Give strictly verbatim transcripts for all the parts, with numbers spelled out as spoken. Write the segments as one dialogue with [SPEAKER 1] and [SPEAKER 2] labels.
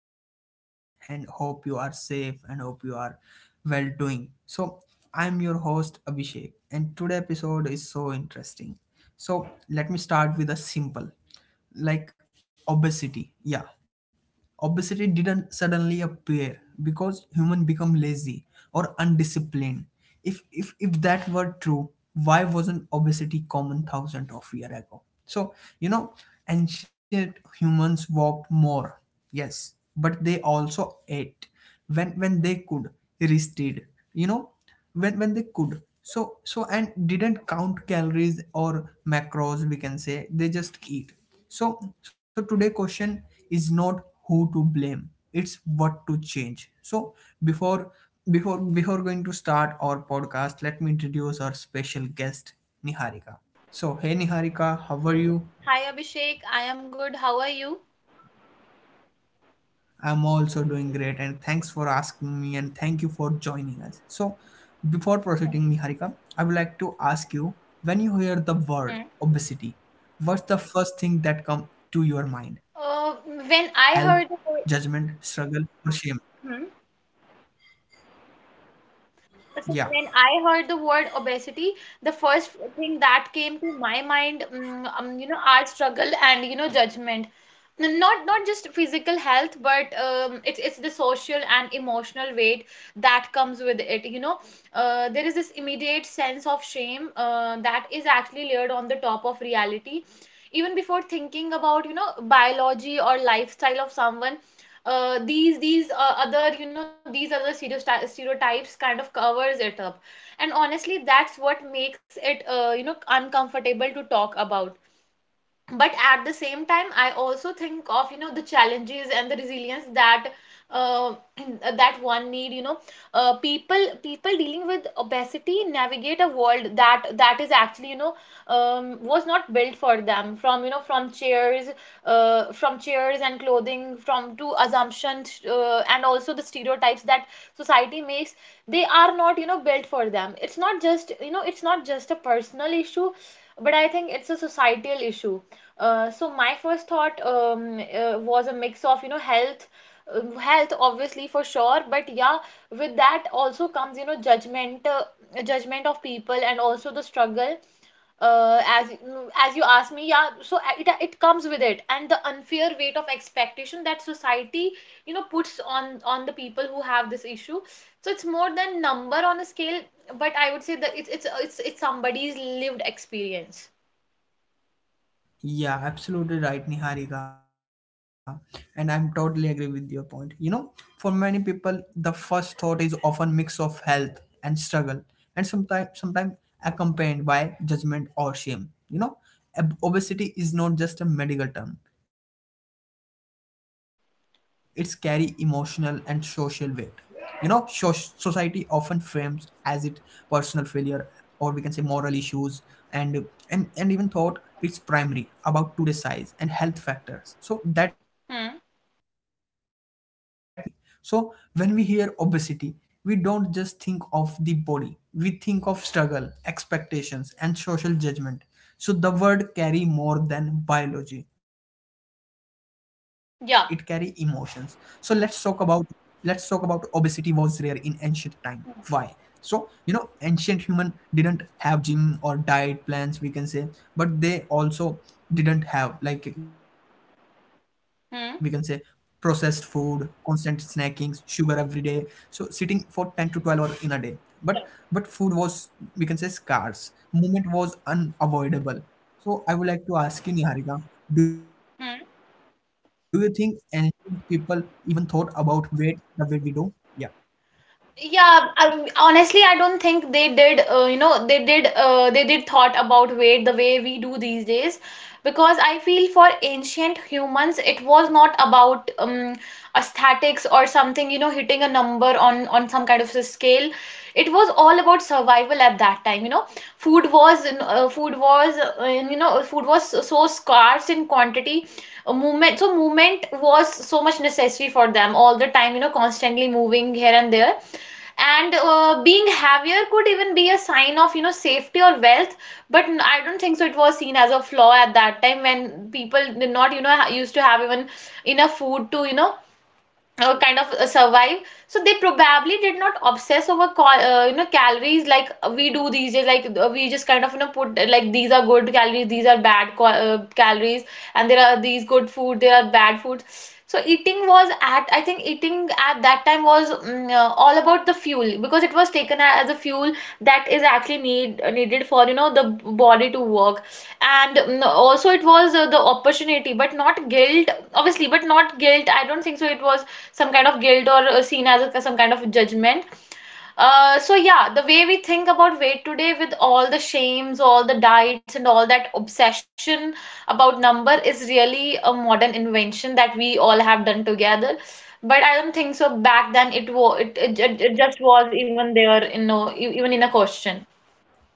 [SPEAKER 1] joining us, and, and hope you are safe and hope you are well doing. So I'm your host Abhishek, and today episode is so interesting. So let me start with a simple like obesity. Yeah, obesity didn't suddenly appear because human become lazy or undisciplined. If if if that were true, why wasn't obesity common thousand of year ago? So you know ancient humans walked more. Yes, but they also ate when when they could, rested, you know when when they could. So so and didn't count calories or macros, we can say. They just eat. So so today question is not who to blame, it's what to change. So before before before going to start our podcast, let me introduce our special guest Niharika. So hey Niharika, how are you?
[SPEAKER 2] Hi Abhishek, I am good. How are you?
[SPEAKER 1] I'm also doing great, and thanks for asking me, and thank you for joining us. So, before proceeding, Niharika, I would like to ask you, when you hear the word
[SPEAKER 2] Hmm.
[SPEAKER 1] obesity, what's the first thing that come to your mind?
[SPEAKER 2] Uh,
[SPEAKER 1] Health,
[SPEAKER 2] when I
[SPEAKER 1] judgment,
[SPEAKER 2] heard the
[SPEAKER 1] struggle, or shame?
[SPEAKER 2] word,
[SPEAKER 1] Yeah.
[SPEAKER 2] So when I heard the word obesity, the first thing that came to my mind, mm, um, you know, our struggle and you know judgment. N- Not not just physical health, but um, it's it's the social and emotional weight that comes with it. You know, uh, there is this immediate sense of shame uh, that is actually layered on the top of reality. Even before thinking about you know biology or lifestyle of someone, uh, these these uh, other you know these other stereoty- stereotypes kind of covers it up, and honestly that's what makes it uh, you know uncomfortable to talk about, but at the same time I also think of you know the challenges and the resilience that uh, that one need, you know, uh, people people dealing with obesity navigate a world that that is actually you know um, was not built for them, from you know from chairs, uh, from chairs and clothing from to assumptions, uh, and also the stereotypes that society makes. They are not you know built for them. It's not just you know it's not just a personal issue, but I think it's a societal issue. Uh, so my first thought, um, uh, was a mix of you know health, uh, health obviously for sure, but yeah, with that also comes you know judgment, uh, judgment of people and also the struggle, uh, as as you asked me, yeah. So uh, it it comes with it, and the unfair weight of expectation that society you know puts on on the people who have this issue. So it's more than number on a scale, but I would say that it's it's it's it's somebody's lived experience.
[SPEAKER 1] Yeah, absolutely right, Niharika. And I'm totally agree with your point. You know, for many people, the first thought is often mix of health and struggle, and sometimes sometimes accompanied by judgment or shame. You know, Ob- obesity is not just a medical term; it's carry emotional and social weight. You know, so- society often frames as it personal failure, or we can say moral issues. And and and even thought it's primary about today's size and health factors, so that mix of meaning can make the world feel heavier than it should be. So when we hear obesity, we don't just think of the body, we think of struggle, expectations, and social judgment. So the word carry more than biology, it carry emotions. So let's
[SPEAKER 2] Yeah.
[SPEAKER 1] talk about, let's talk about obesity was rare in ancient time. Why? So you know, ancient human didn't have gym or diet plans, we can say. But they also didn't have, like we can say, processed
[SPEAKER 2] Hmm.
[SPEAKER 1] food, constant snacking, sugar every day. So sitting for ten to twelve hour in a day. but but food was, we can say, scarce. Movement was unavoidable. So I would like to ask you, Niharika, do you think ancient people even thought about weight the way we do? Yeah.
[SPEAKER 2] Yeah, I, honestly, I don't think they did. Uh, you know, they did. Uh, they did thought about weight the way we do these days because I feel for ancient humans, it was not about um, aesthetics or something. You know, hitting a number on on some kind of a scale. It was all about survival at that time. You know, food was uh, food was uh, you know food was so scarce in quantity. A movement, so movement was so much necessary for them all the time, you know, constantly moving here and there. And uh, being heavier could even be a sign of you know safety or wealth, but I i don't think so it was seen as a flaw at that time when people did not you know used to have even enough food to you know uh, kind of uh, survive. So they probably did not obsess over cal- uh, you know calories like we do these days, like uh, we just kind of you know put uh, like these are good calories, these are bad cal- uh, calories, and there are these good food, there are bad foods. So eating was at I think eating at that time was mm, uh, all about the fuel because it was taken a- as a fuel that is actually need uh, needed for you know the body to work. And mm, also it was uh, the opportunity but not guilt, obviously but not guilt. I don't think so it was some kind of guilt or uh, seen as a, some kind of judgment. Uh, so yeah, the way we think about weight today, with all the shames, all the diets, and all that obsession about number, is really a modern invention that we all have done together. But I don't think so. Back then, it was it, it, it it just was even there, you know, e- even in a question.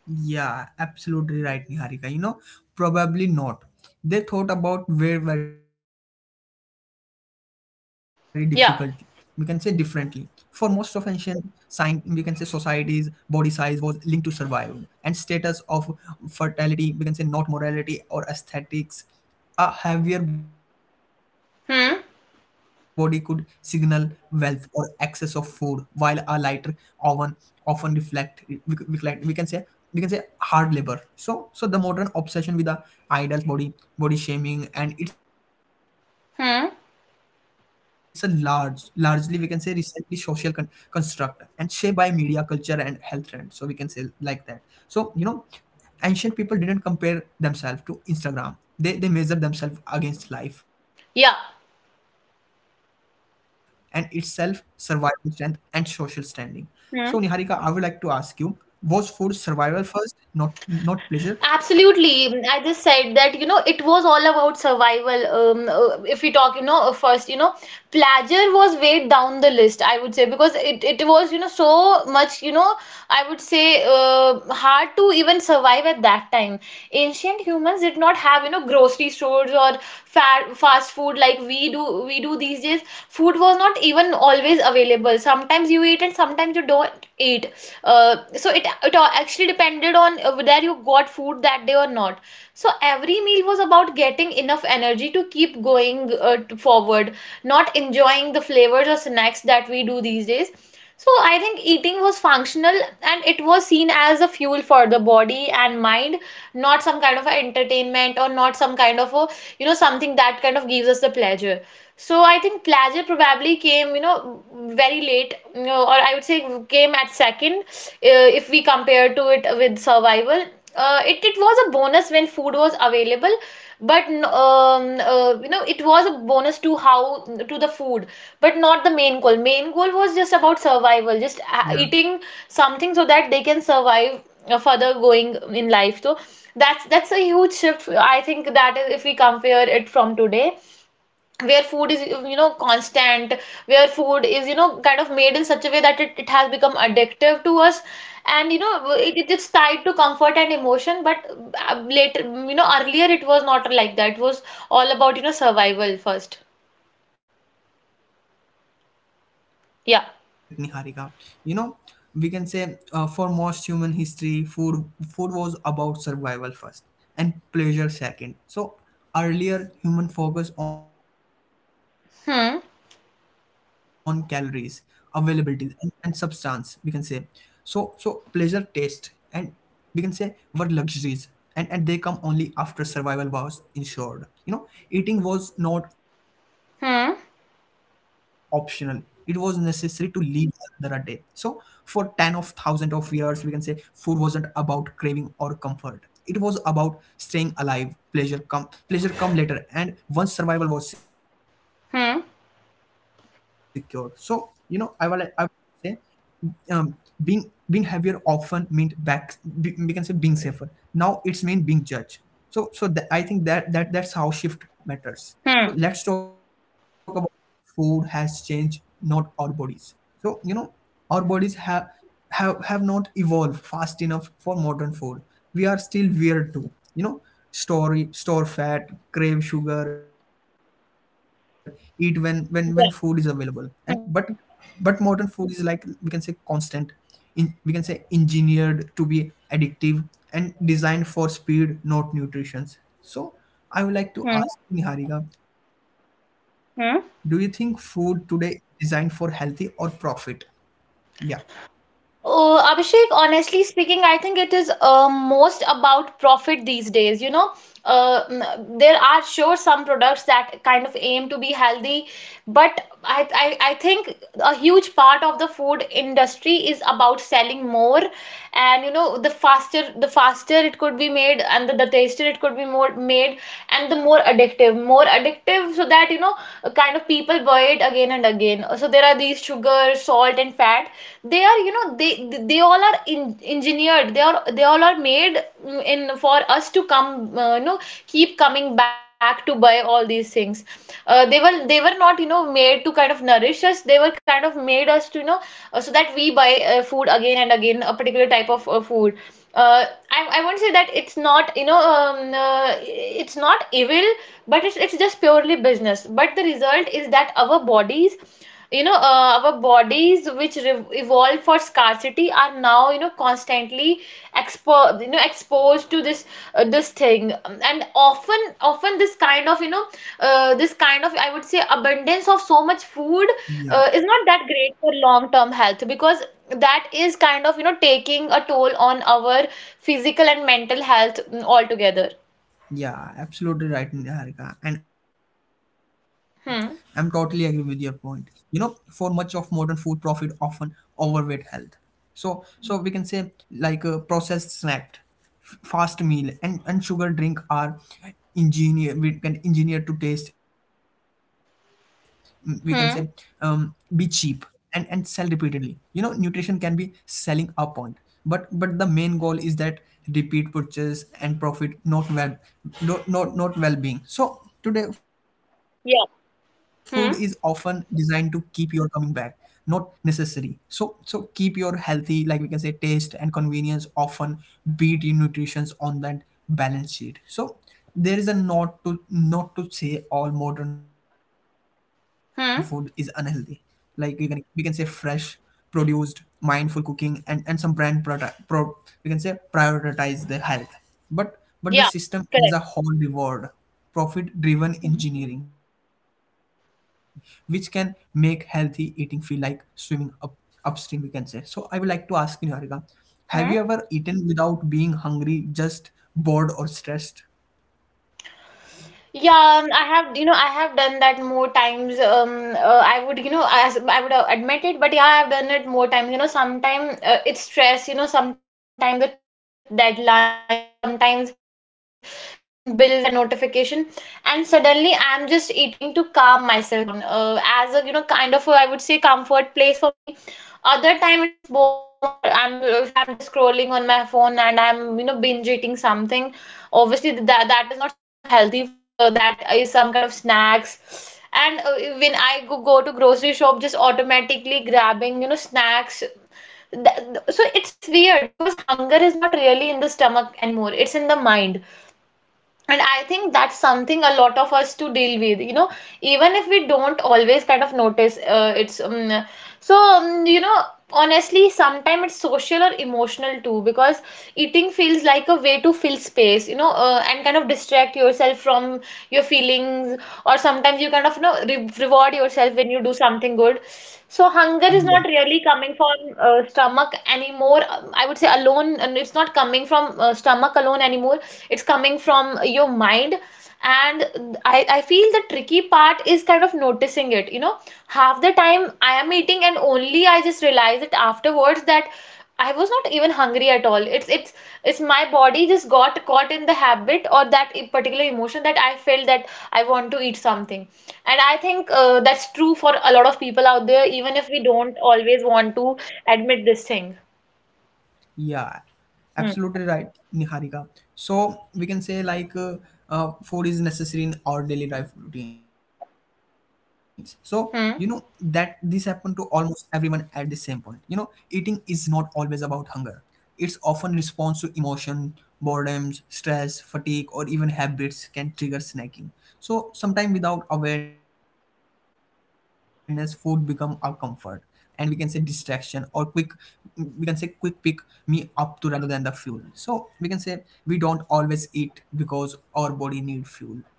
[SPEAKER 1] Yeah, absolutely right, Niharika. You know, probably not. They thought about very, very difficult. We can say differently. For most of
[SPEAKER 2] Yeah.
[SPEAKER 1] ancient sign, we can say, societies, body size was linked to survival and status of fertility. We can say, not morality or aesthetics. A heavier body could signal
[SPEAKER 2] Hmm.
[SPEAKER 1] wealth or excess of food, while a lighter oven often reflect we, we, we can say, we can say hard labor. So so the modern obsession with the idol's body, body shaming, and it's a large largely, we can say,
[SPEAKER 2] Hmm.
[SPEAKER 1] recently social con- construct and shaped by media culture and health trends, so we can say like that. So you know, ancient people didn't compare themselves to Instagram, they, they measured themselves against life and itself,
[SPEAKER 2] Yeah.
[SPEAKER 1] survival, strength, and social standing. So Niharika, I would like to ask you, was food
[SPEAKER 2] Hmm.
[SPEAKER 1] survival first, not not pleasure?
[SPEAKER 2] Absolutely. I just said that, you know, it was all about survival. Um, uh, if we talk, you know, uh, first, you know, pleasure was way down the list, I would say, because it, it was, you know, so much, you know, I would say, uh, hard to even survive at that time. Ancient humans did not have you know grocery stores or fa- fast food like we do we do these days. Food was not even always available. Sometimes you eat and sometimes you don't eat. Uh, so it it all actually depended on uh, whether you got food that day or not. So every meal was about getting enough energy to keep going uh, t- forward, not enjoying the flavors or snacks that we do these days. So I think eating was functional and it was seen as a fuel for the body and mind, not some kind of a entertainment or not some kind of a you know something that kind of gives us the pleasure. So I think pleasure probably came you know very late, you know, or I would say came at second, uh, if we compare to it with survival. Uh, it, it was a bonus when food was available, but n- um, uh, you know it was a bonus to how to the food, but not the main goal. Main goal was just about survival, just uh,
[SPEAKER 1] Yeah.
[SPEAKER 2] eating something so that they can survive, uh, further going in life. So that's that's a huge shift I think that is if we compare it from today, where food is you know constant, where food is you know kind of made in such a way that it, it has become addictive to us, and you know it, it- it's tied to comfort and emotion, but uh, later, you know, earlier it was not like that. It was all about you know survival first.
[SPEAKER 1] Yeah, I'm totally agree
[SPEAKER 2] Yeah.
[SPEAKER 1] with your point, Niharika. You know, we can say, uh, for most human history, food food was about survival first and pleasure second. So earlier, human focus on calories, availability,
[SPEAKER 2] Hmm.
[SPEAKER 1] and, and substance, we can say. So. So pleasure, taste, and, we can say, were luxuries, and and they come only after survival was ensured. You know, eating was not optional, it was necessary to
[SPEAKER 2] Hmm.
[SPEAKER 1] live another a day. So for ten of thousand of years, we can say, food wasn't about craving or comfort, it was about staying alive. Pleasure come pleasure come later, and once survival was secured. So you know, i will I
[SPEAKER 2] Hmm.
[SPEAKER 1] would say, um, being being heavier often meant back, be- we can say, being safer. Now it's mean being judged. So so th- I think that that that's how shift matters. So let's talk about
[SPEAKER 2] Hmm.
[SPEAKER 1] food has changed, not our bodies. So you know, our bodies have, have, have not evolved fast enough for modern food. We are still weird too. You know, store, store fat, crave sugar, eat when, when, when food is available. And but
[SPEAKER 2] Yeah.
[SPEAKER 1] but
[SPEAKER 2] Hmm.
[SPEAKER 1] modern food is, like we can say, constant in, we can say, engineered to be addictive and designed for speed, not nutrition. So I would like to
[SPEAKER 2] Hmm.
[SPEAKER 1] ask you, Niharika, do you think food today
[SPEAKER 2] Hmm.
[SPEAKER 1] is designed for healthy or profit? Yeah.
[SPEAKER 2] Uh, Abhishek, honestly speaking, I think it is uh, most about profit these days. You know, uh, mm, there are sure some products that kind of aim to be healthy, but I, I, I think a huge part of the food industry is about selling more, and you know the faster the faster it could be made, and the, the tastier it could be more made, and the more addictive more addictive, so that you know uh, kind of people buy it again and again. So there are these sugar, salt and fat. They are you know they they all are in, engineered. They are they all are made mm, in for us to come uh, you know keep coming back to buy all all these things. uh, they were they were not you know made to kind of nourish us. They were kind of made us to you know uh, so that we buy uh, food again and again, a particular type of uh, food. uh, I, I won't say that it's not you know um, uh, it's not evil, but it's, it's just purely business. But the result is that our bodies, you know, uh, our bodies which re- evolved for scarcity are now you know constantly expo- you know exposed to this uh, this thing, and often often this kind of you know uh, this kind of I would say abundance of so much food
[SPEAKER 1] Yeah,
[SPEAKER 2] uh, is not that great for long term health, because that is kind of you know taking a toll on our physical and mental health, mm, altogether.
[SPEAKER 1] yeah, absolutely right, Niharika. And I'm totally agree with your point.
[SPEAKER 2] Hmm.
[SPEAKER 1] You know, for much of modern food, profit often overweight health. So, so we can say, like a processed snack, f- fast meal, and and sugar drink are engineer. We can engineer to taste. mm, We can say, um, be cheap
[SPEAKER 2] Hmm.
[SPEAKER 1] and and sell repeatedly. You know, nutrition can be selling a point, but but the main goal is that repeat purchase and profit, not well, not not, not well-being. So today food is
[SPEAKER 2] Yeah.
[SPEAKER 1] often designed to
[SPEAKER 2] Hmm.
[SPEAKER 1] keep your coming back, not necessary. So so keep your healthy, like we can say, taste and convenience often beat in nutritions on that balance sheet. So there is a, not to not to say all modern food is unhealthy, like you
[SPEAKER 2] Hmm.
[SPEAKER 1] can, we can say, fresh produced, mindful cooking, and and some brand product pro, we can say prioritize the health, but but the
[SPEAKER 2] Yeah.
[SPEAKER 1] system is a
[SPEAKER 2] Correct.
[SPEAKER 1] whole reward profit driven engineering, which can make healthy eating feel like swimming up upstream, we can say. So I would like to ask you, Niharika, have you ever
[SPEAKER 2] Hmm.
[SPEAKER 1] eaten without being hungry, just bored or stressed?
[SPEAKER 2] Yeah, um, I have, you know, I have done that more times. Um, uh, I would, you know, as I would uh, admit it, but yeah, I have done it more times. You know, sometimes uh, it's stress, you know, sometimes it's deadlines, sometimes it's bills and notification, and suddenly I'm just eating to calm myself down. Uh, as a, you know, kind of, a, I would say, comfort place for me. Other time it's boredom, or I'm if I'm just scrolling on my phone and I'm you know binge eating something. Obviously that that is not some kind of healthy food. The, that is some kind of snacks. And uh, when I go, go to grocery shop, just automatically grabbing you know snacks. Th- th- So it's it's weird because hunger is not really in the stomach anymore. It's in the mind, and I think that's something a lot of us to deal with, you know, even if we don't always kind of notice. Uh, it's um, so um, You know, honestly, sometimes it's social or emotional too, because eating feels like a way to fill space, you know, uh, and kind of distract yourself from your feelings, or sometimes you kind of you know re- reward yourself when you do
[SPEAKER 1] Yeah,
[SPEAKER 2] something good. So hunger is not really coming from uh, stomach anymore. Um, I would say alone, and it's not coming from uh, stomach alone anymore. It's coming from your mind. And I, I feel the tricky part is kind of noticing it. You know, half the time I am eating and only I just realize it afterwards that I was not even hungry at all. It's it's it's my body just got caught in the habit or that e- particular emotion that I felt that I want to eat something. And I think uh, that's true for a lot of people out there, even if we don't always want to admit this thing.
[SPEAKER 1] yeah, absolutely
[SPEAKER 2] Hmm.
[SPEAKER 1] right, Niharika. So we can say, like uh, uh, food is necessary in our daily life routines. So you know, that this happened to
[SPEAKER 2] Hmm.
[SPEAKER 1] almost everyone at the same point. You know, eating is not always about hunger. It's often response to emotion, boredom, stress, fatigue, or even habits can trigger snacking. So sometimes without awareness, food become a comfort, and we can say distraction, or quick, we can say quick pick me up to, rather than the fuel. So we can say we don't always eat because our body need fuel,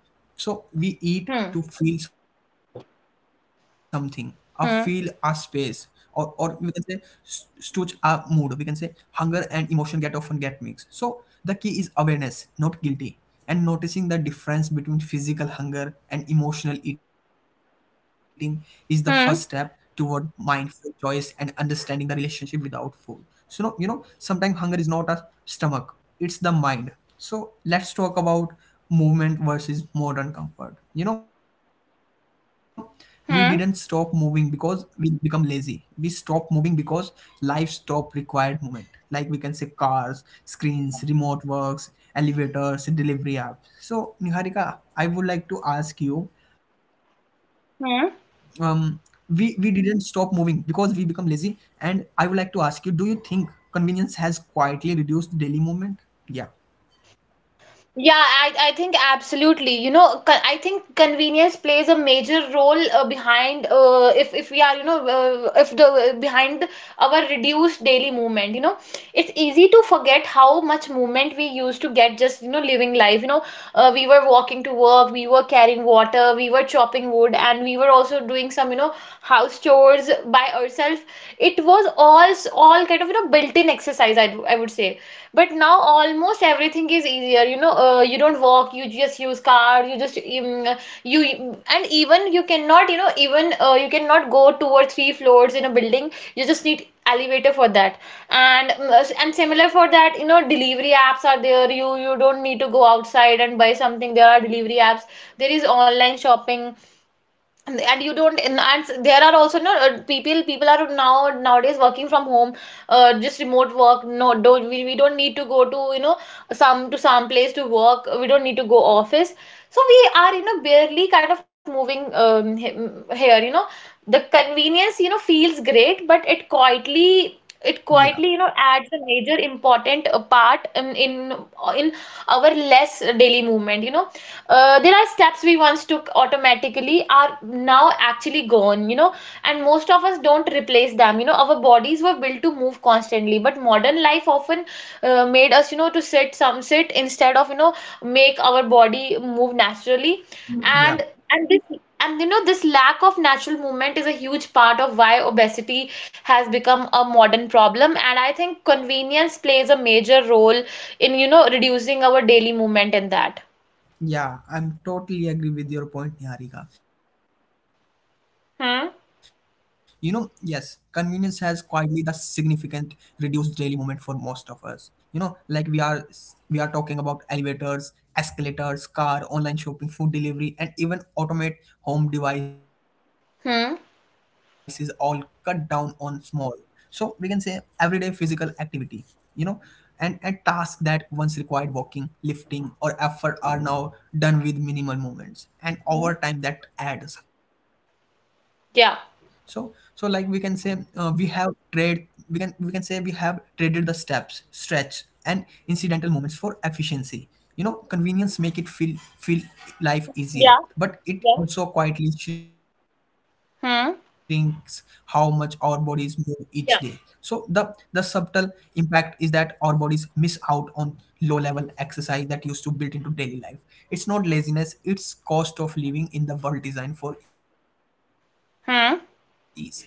[SPEAKER 1] so we eat to
[SPEAKER 2] Hmm.
[SPEAKER 1] feel something, or feel our space, or or
[SPEAKER 2] Hmm.
[SPEAKER 1] we can say, s- stretch our mood. We can say, hunger and emotion get often get mixed. So the key is awareness, not guilty. And noticing the difference between physical hunger and emotional eating is the first step toward
[SPEAKER 2] Hmm.
[SPEAKER 1] mindful choice and understanding the relationship without food. So no, you know, sometimes hunger is not a stomach, it's the mind. So let's talk about movement versus modern comfort. You know, we didn't stop moving because
[SPEAKER 2] Hmm.
[SPEAKER 1] we become lazy, we stopped moving because life stopped required movement, like we can say, cars, screens, remote works, elevators, delivery apps. So Niharika, I would like to ask you, um we
[SPEAKER 2] Hmm.
[SPEAKER 1] we didn't stop moving because we become lazy, and I would like to ask you, do you think convenience has quietly reduced daily movement? Yeah.
[SPEAKER 2] Yeah, I, I think absolutely. You know, co- I think convenience plays a major role uh, behind uh, if if we are, you know, uh, if the behind our reduced daily movement, you know, it's easy to forget how much movement we used to get just, you know, living life. You know, uh, we were walking to work, we were carrying water, we were chopping wood, and we were also doing some, you know, house chores by ourselves. It was all all kind of, you know, built-in exercise, I, I would say. But now almost everything is easier, you know. Uh, you don't walk, you just use car. You just um, you and even you cannot, you know, even uh, you cannot go two or three floors in a building, you just need elevator for that. And mm, and similar for that, you know, delivery apps are there. You you don't need to go outside and buy something, there are delivery apps, there is online shopping. And you don't, and and there are also no uh, people people are now nowadays working from home. Uh, just remote work. No, don't, we, we don't need to go to, you know, some to some place to work. We don't need to go office. So we are, you know, barely kind of moving, um, he- here, you know. The convenience, you know, feels great, but it quietly it
[SPEAKER 1] yeah
[SPEAKER 2] quietly you know, adds a major important uh, part in in, in our less daily movement, you know. Uh, there are steps we once took automatically are now actually gone, you know, and most of us don't replace them, you know. Our bodies were built to move constantly, but modern life often uh, made us, you know, to sit some sit instead of, you know, make our body move naturally.
[SPEAKER 1] yeah
[SPEAKER 2] and and this and you know, this lack of natural movement is a huge part of why obesity has become a modern problem, and I think convenience plays a major role in, you know, reducing our daily movement in that.
[SPEAKER 1] yeah, I'm totally agree with your point, Niharika. You know, yes, convenience has
[SPEAKER 2] Hmm.
[SPEAKER 1] quietly the significant reduced daily movement for most of us. You know, like we are we are talking about elevators, escalators, car, online shopping, food delivery, and even automate home devices all cut down on
[SPEAKER 2] Hmm.
[SPEAKER 1] small. So we can say everyday physical activity, you know, and and tasks that once required walking, lifting, or effort are now done with minimal movements, and over time that
[SPEAKER 2] Hmm.
[SPEAKER 1] adds. So so like we can say, uh, we
[SPEAKER 2] Yeah,
[SPEAKER 1] have trade, we can we can say, we have traded the steps, stretch, and incidental movements for efficiency. You know, convenience make it feel feel life easier, but
[SPEAKER 2] yeah,
[SPEAKER 1] it also
[SPEAKER 2] yeah.
[SPEAKER 1] quietly shrinks how much our
[SPEAKER 2] Hmm.
[SPEAKER 1] bodies move each day. So the the subtle
[SPEAKER 2] Yeah.
[SPEAKER 1] impact is that our bodies miss out on low level exercise that used to built into daily life. It's not laziness, it's cost of living in the world designed for ease. So I would like to ask you,
[SPEAKER 2] Hmm.
[SPEAKER 1] Niharika,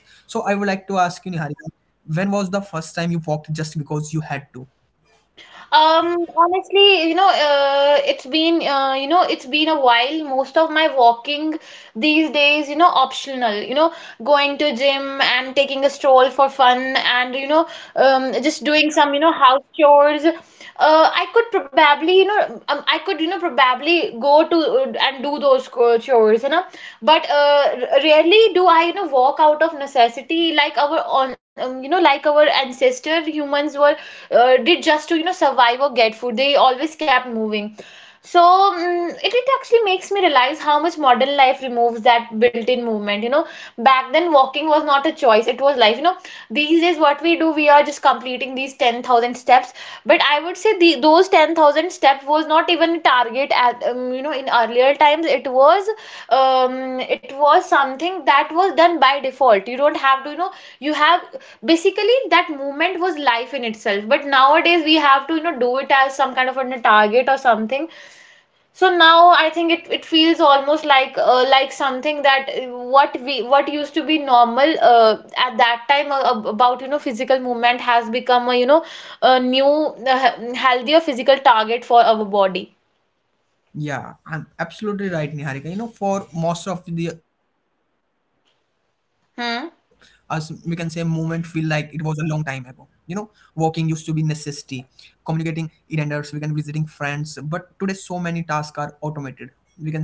[SPEAKER 1] when was the first time you walked just because you had to?
[SPEAKER 2] Um, honestly, you know, uh, it's been, uh, you know, it's been a while. Most of my walking these days, you know, optional, you know, going to gym and taking a stroll for fun and, you know, um, just doing some, you know, house chores. uh, I could probably, you know, um, I could, you know, probably go to uh, and do those co- chores, you know. But uh, r- rarely do I, you know, walk out of necessity like our, on, um, you know, like our ancestor humans were uh, did just to, you know, survive or get food. They always kept moving. So mm it, it actually makes me realize how much modern life removes that built-in movement. You know, back then walking was not a choice; it was life. You know, these days what we do, we are just completing these ten thousand steps. But I would say the those ten thousand steps was not even a target at um, you know, in earlier times. It was um it was something that was done by default. You don't have to, you know, you have basically that movement was life in itself. But nowadays we have to, you know, do it as some kind of a target or something. So now I think it, it feels almost like uh, like something that uh, what we what used to be normal uh, at that time, uh, ab- about, you know, physical movement has become a, you know, a new uh, he- healthier physical target for our body.
[SPEAKER 1] Yeah, I'm absolutely right, Niharika. You know, for most of the us, we can say, moment feel like it
[SPEAKER 2] Hmm.
[SPEAKER 1] was a long time ago. You know, walking used to be necessity, communicating it enders, we can visiting friends, but today so many tasks are automated, we can say,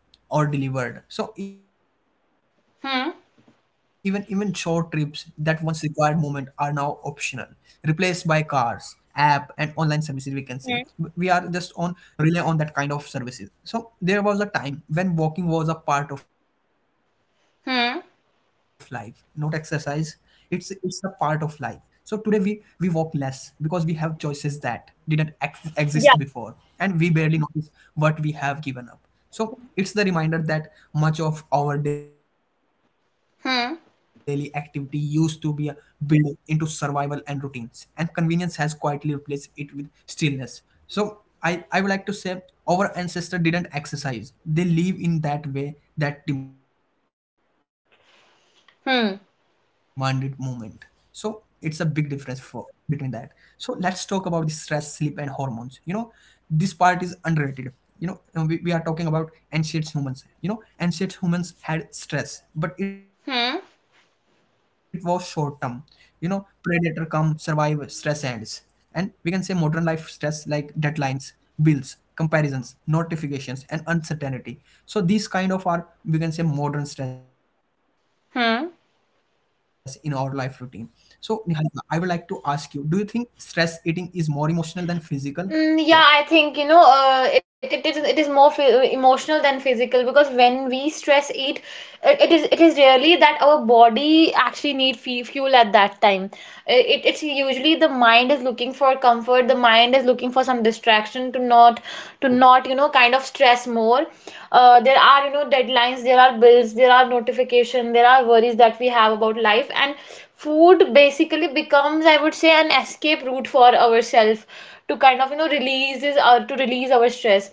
[SPEAKER 1] or delivered. So even even short trips that
[SPEAKER 2] Hmm.
[SPEAKER 1] once required movement are now optional, replaced by cars, app, and online services. We can say we are just on
[SPEAKER 2] Hmm.
[SPEAKER 1] rely on that kind of services. So there was a time when walking was a part of life, not exercise. It's
[SPEAKER 2] Hmm.
[SPEAKER 1] it's a part of life. So today we we walk less because we have choices that didn't ex- exist before, and we barely
[SPEAKER 2] Yeah.
[SPEAKER 1] notice what we have given up. So it's the reminder that much of our daily activity used to be
[SPEAKER 2] Hmm.
[SPEAKER 1] built into survival and routines, and convenience has quietly replaced it with stillness. So I, I would like to say our ancestors didn't exercise, they live in that way that demanded movement. So it's a big
[SPEAKER 2] Hmm.
[SPEAKER 1] difference for between that. So let's talk about the stress, sleep, and hormones. You know, this part is underrated you know uh, we, we are talking about ancient humans, you know, ancient humans had stress but it was short term, you know,
[SPEAKER 2] Hmm.
[SPEAKER 1] predator come survive stress ends. And we can say modern life stress like deadlines, bills, comparisons, notifications, and uncertainty, so these kind of are, we can say, modern stress in our life routine. So,
[SPEAKER 2] Hmm.
[SPEAKER 1] Niharika, I would like to ask you, do you think stress eating is more emotional than physical? Yeah.
[SPEAKER 2] Mm, yeah, I think, you know, uh, it, it is it is more phy- emotional than physical, because when we stress eat, it, it is it is really that our body actually need fe- fuel at that time. It, it's usually the mind is looking for comfort, the mind is looking for some distraction to not to not you know, kind of stress more. Uh, there are, you know, deadlines, there are bills, there are notification, there are worries that we have about life, and food basically becomes, I would say, an escape route for ourselves to kind of, you know, releases or to release our stress.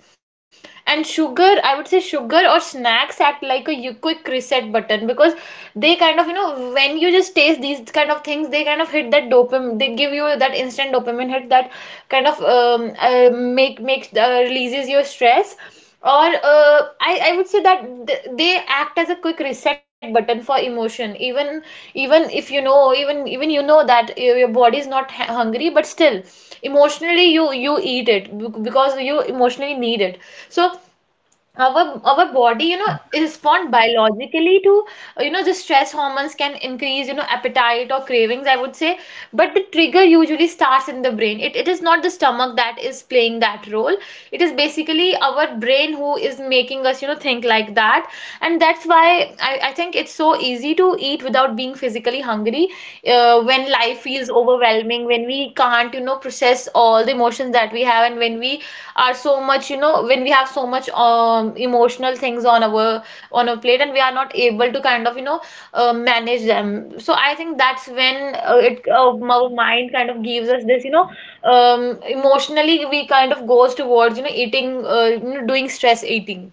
[SPEAKER 2] And sugar, I would say sugar or snacks act like a you- quick reset button, because they kind of, you know, when you just taste these kind of things, they kind of hit that dopamine, they give you that instant dopamine hit that kind of um, uh, make makes uh, releases your stress. Or uh, I, I would say that th- they act as a quick reset button for emotion, even even if you know, even even you know that your your body is not hu- hungry, but still emotionally you you eat it bec- because you emotionally need it. So our our body, you know, respond biologically to, you know, the stress hormones can increase, you know, appetite or cravings, I would say. But the trigger usually starts in the brain, it, it is not the stomach that is playing that role. It is basically our brain who is making us, you know, think like that. And that's why i, I think it's so easy to eat without being physically hungry, uh, when life feels overwhelming, when we can't, you know, process all the emotions that we have, and when we are so much, you know, when we have so much um emotional things on our on our plate, and we are not able to kind of, you know, uh, manage them. So I think that's when uh, it uh, our mind kind of gives us this, you know, um emotionally we kind of goes towards, you know, eating, uh, you know, doing stress eating.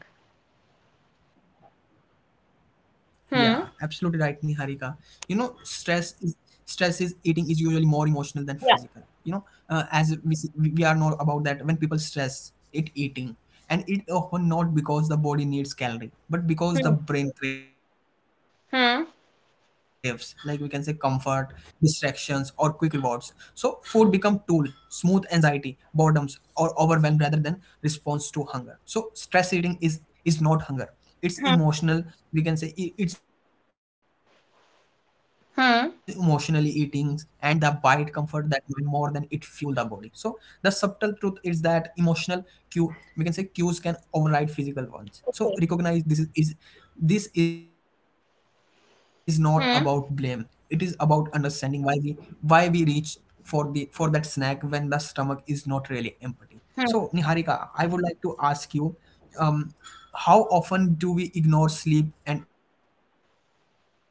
[SPEAKER 1] Yeah, absolutely right, Niharika. You know, stress
[SPEAKER 2] Hmm.
[SPEAKER 1] is stress is eating is usually more emotional than physical. You know, uh, as
[SPEAKER 2] Yeah.
[SPEAKER 1] we see- we we are know about that when people stress, it eating, and it often not because the body needs calorie, but because the
[SPEAKER 2] Hmm.
[SPEAKER 1] brain craves, like we can say comfort,
[SPEAKER 2] Hmm.
[SPEAKER 1] distractions, or quick rewards. So food become tool, smooth anxiety, boredoms, or overwhelm rather than response to hunger. So stress eating is is not hunger, it's
[SPEAKER 2] Hmm.
[SPEAKER 1] emotional. We can say i- it's emotionally eating, and the bite
[SPEAKER 2] Hmm.
[SPEAKER 1] comfort that mind more than it fuel the body. So the subtle truth is that emotional cue, we can say cues, can override physical ones. So recognize
[SPEAKER 2] Okay.
[SPEAKER 1] this is, is this is not about blame, it is about
[SPEAKER 2] Hmm.
[SPEAKER 1] understanding why we why we reach for the for that snack when the stomach is not really empty. So, Niharika, I would like to ask you, um, how often do we ignore sleep and expect our body to cooperate?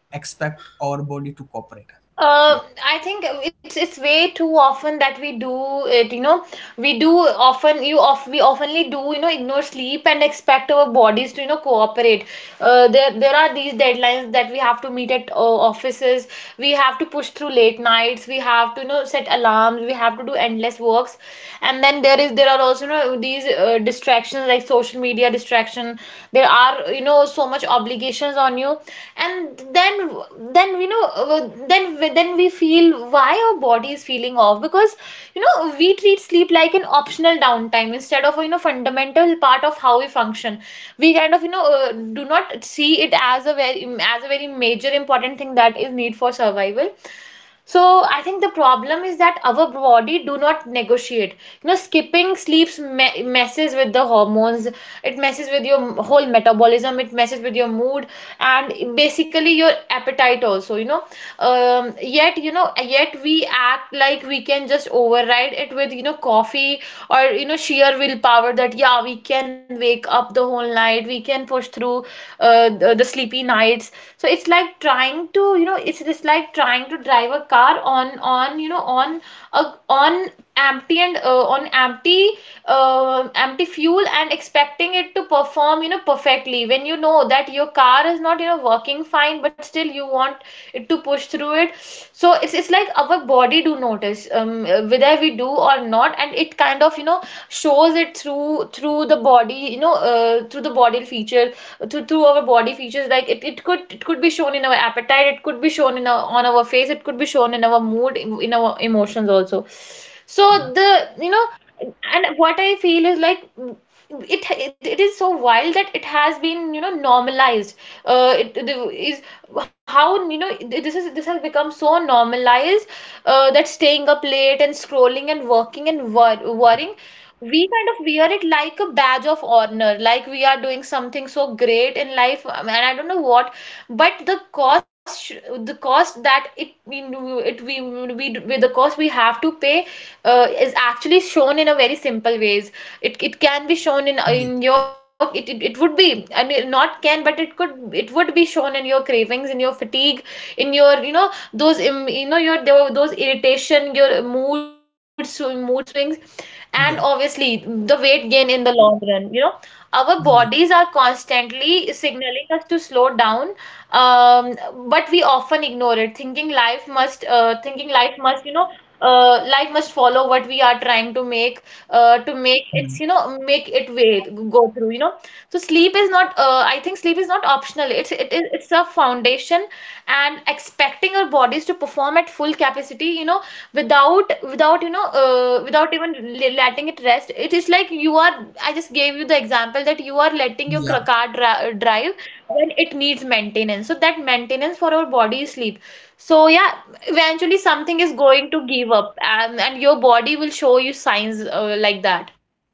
[SPEAKER 1] Yeah.
[SPEAKER 2] Uh, I think it's it's way too often that we do it, you know. We do often you of we oftenly do, you know, ignore sleep and expect our bodies to, you know, cooperate. Uh, there there are these deadlines that we have to meet at uh, offices. We have to push through late nights. We have to, you know, set alarms. We have to do endless works. And then there is there are also, you know, these uh, distractions like like social media distraction. There are, you know, so much obligations on you, and then then you know uh, then then we feel why our body is feeling off, because you know we treat sleep like an optional downtime instead of, you know, fundamental part of how we function. We kind of, you know, uh, do not see it as a very as a very major important thing that is need for survival. So I think the problem is that our body do not negotiate. You know, skipping sleeps me- messes with the hormones, it messes with your whole metabolism, it messes with your mood, and basically your appetite also, you know. Um, yet, you know, yet we act like we can just override it with, you know, coffee or, you know, sheer willpower, that yeah we can wake up the whole night, we can push through uh, the, the sleepy nights. So it's like trying to, you know it's just like trying to drive a car on on you know, on a on empty, and uh, on empty uh, empty fuel, and expecting it to perform, you know, perfectly, when you know that your car is not, you know, working fine, but still you want it to push through it. So it's, it's like our body do notice um, uh, whether we do or not, and it kind of, you know, shows it through through the body, you know, uh, through the body feature, through, through our body features. Like it, it could it could be shown in our appetite, it could be shown in our, on our face, it
[SPEAKER 1] Yeah.
[SPEAKER 2] could be shown in our mood, in, in our emotions also.
[SPEAKER 1] Yeah.
[SPEAKER 2] So the, you know, and what I feel is like it it is so wild that it has been, you know, normalized. Uh it, it is How, you know, this is this has become so normalized, uh, that staying up late and scrolling and working and wor- worrying, we kind of wear it like a badge of honor, like we are doing something so great in life, um, and I don't know what. But the cost sh- the cost that it We it we, we, we the cost we have to pay uh, is actually shown in a very simple ways. It, it can be shown in
[SPEAKER 1] Yeah.
[SPEAKER 2] in your it, it, it would be and it not can but it could it would be shown in your cravings, in your fatigue, in your you know those im- you know your tho- those irritation, your mood sw- mood swings, and
[SPEAKER 1] Yeah.
[SPEAKER 2] obviously the weight gain in the long run, you know. Our
[SPEAKER 1] Yeah.
[SPEAKER 2] bodies are constantly signaling us to slow down. um, but we often ignore it, thinking life must uh, thinking life must you know uh, life must follow what we are
[SPEAKER 1] Mm.
[SPEAKER 2] trying to make, uh, to make it's, you know, make it way, go through, you know. So sleep is not, uh, I think sleep is not optional. It's it is It's a foundation, and expecting our bodies to perform at full capacity, you know, without without you know uh, without even le- letting it rest, it is like you are — I just gave you the example that you are letting your cr-
[SPEAKER 1] Yeah.
[SPEAKER 2] car dri- drive when it needs maintenance. So that maintenance for our body is sleep. So yeah, eventually something is going to give up, and, and your body will show you signs, uh, like that.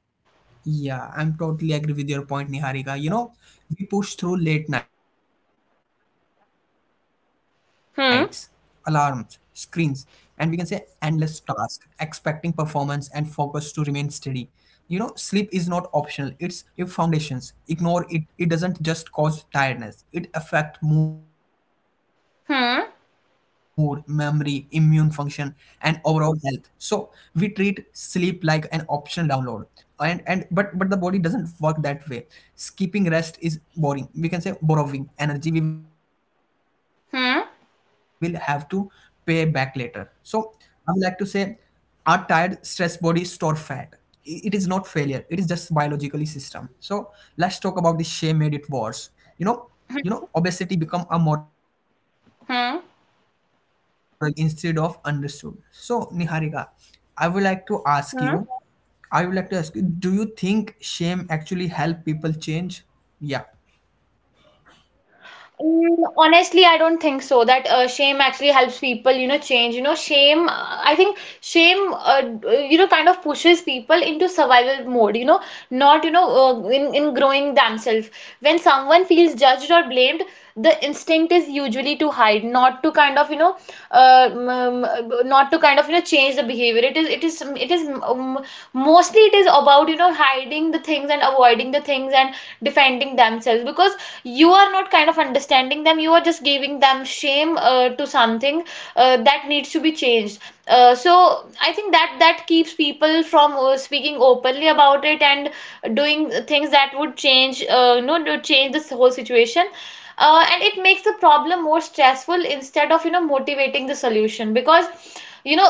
[SPEAKER 1] Yeah, I'm totally agree with your point, Niharika. You know, we push through late nights, alarms, screens,
[SPEAKER 2] Hmm
[SPEAKER 1] and we can say endless tasks, expecting performance and focus to remain steady. You know, sleep is not optional, it's your foundations. Ignore it, it doesn't just cause tiredness, it affect mood, memory, immune function, and
[SPEAKER 2] hmm
[SPEAKER 1] overall health. So we treat sleep like an optional download, and and but but the body doesn't work that way. Skipping rest is boring, we can say borrowing energy we will have to pay back later.
[SPEAKER 2] hmm
[SPEAKER 1] So I would like to say our tired stressed body store fat. I- it is not failure, it is just biologically system. So let's talk about the shame made it worse. You know, you know, obesity become a moral issue, not a healthy
[SPEAKER 2] hmm
[SPEAKER 1] conversation. People were blamed instead of understood. So, Niharika, I would like to ask
[SPEAKER 2] hmm
[SPEAKER 1] you I would like to ask you do you think shame actually help people change? Yeah.
[SPEAKER 2] Mm, Honestly, I don't think so. That uh, shame actually helps people, you know, change. You know, shame, uh, I think shame, uh, d- you know, kind of pushes people into survival mode, you know, not, you know, uh, in, in growing themselves. When someone feels judged or blamed, the instinct is usually to hide, not to kind of, you know, uh, um, uh, not to kind of, you know, change the behavior. It is, it is, it is, um, mostly it is about, you know, hiding the things and avoiding the things and defending themselves, because you are not kind of understanding them, you are just giving them shame uh, to something uh, that needs to be changed. Uh, so I think that that keeps people from uh, speaking openly about it and doing things that would change, uh, you know, to change this whole situation. Uh, and it makes the problem more stressful instead of, you know, motivating the solution, because, you know,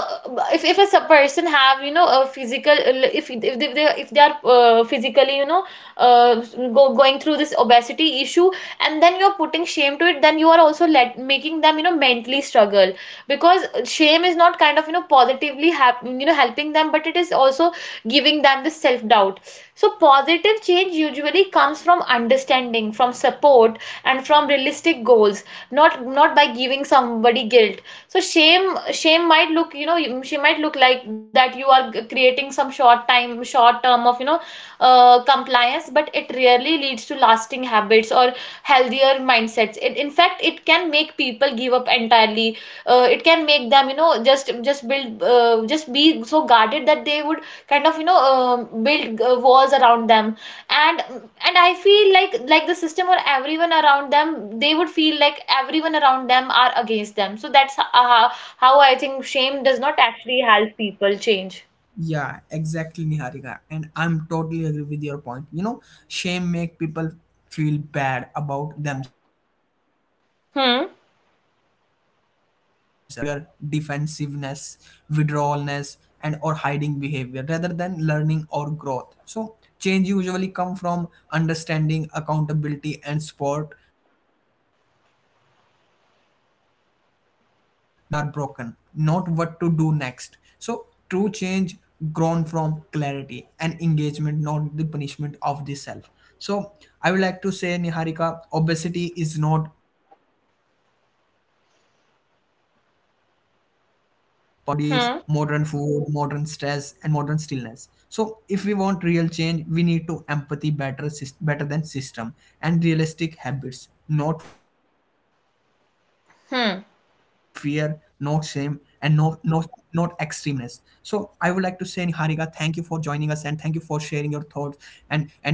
[SPEAKER 2] if, if a s- person have, you know, a physical — if if they, if they are uh, physically, you know, uh, go, going through this obesity issue, and then you're putting shame to it, then you are also let making them, you know, mentally struggle, because shame is not kind of, you know, positively hap- you know, helping them, but it is also giving them the self doubt. So positive change usually comes from understanding, from support, and from realistic goals, not not by giving somebody guilt. So shame shame might look, you know, she might look like that you are creating some short time short term of, you know, uh, compliance, but it rarely leads to lasting habits or healthier mindsets. It, in fact, it can make people give up entirely. Uh, it can make them, you know, just just build, uh, just be so guarded that they would kind of, you know, um build uh, walls around them. And and I feel like like the system or everyone around them, they would feel like everyone around them are against them. So that's h- uh,
[SPEAKER 1] Yeah.
[SPEAKER 2] how, how I think shame does not actually help people change.
[SPEAKER 1] Yeah, exactly, Niharika. And I'm totally agree with your point. You know, shame make people feel bad about themselves, not about their
[SPEAKER 2] Hmm.
[SPEAKER 1] actions. That self-criticism can trigger defensiveness, withdrawalness, and or hiding behavior rather than learning or growth. So change usually come from understanding, accountability, and support, not guilt or embarrassment. You know, shame tell us we are broken, not what to do next. So true change grown from clarity and engagement, not the punishment of the self. So I would like to say, Niharika, obesity is not personal failure, it's a modern mismatch. We can say ancient bodies, modern
[SPEAKER 2] Hmm.
[SPEAKER 1] food, modern stress, and modern stillness. So if we want real change we need to empathy, better sys- better than system and realistic habits, not fear, not shame, and no no
[SPEAKER 2] Hmm.
[SPEAKER 1] not extremeness. So I would like to say, Niharika, thank you for joining us, and thank you for sharing your thoughts and and sharing your memories.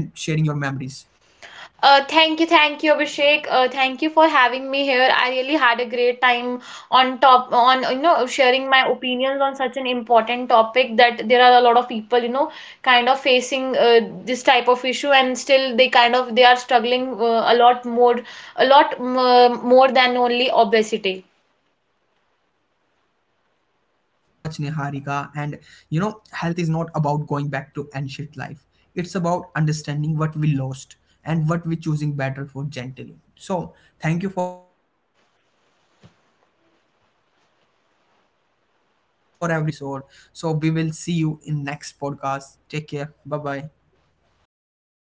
[SPEAKER 2] Uh, thank you, thank you, Abhishek. Uh, thank you for having me here. I really had a great time on top on, you know, sharing my opinions on such an important topic, that there are a lot of people, you know, kind of facing, uh, this type of issue, and still they kind of they are struggling uh, a lot more, a lot, um, uh, more than only obesity.
[SPEAKER 1] Yeah, thank you so much, Niharika. And you know, health is not about going back to ancient life. It's about understanding what we lost and what we choosing better for gently. So, thank you for everyone. Thank you for listening us and joining us. Hope you are enjoyed this episode. So, we will see you in next podcast. Take care. Bye bye.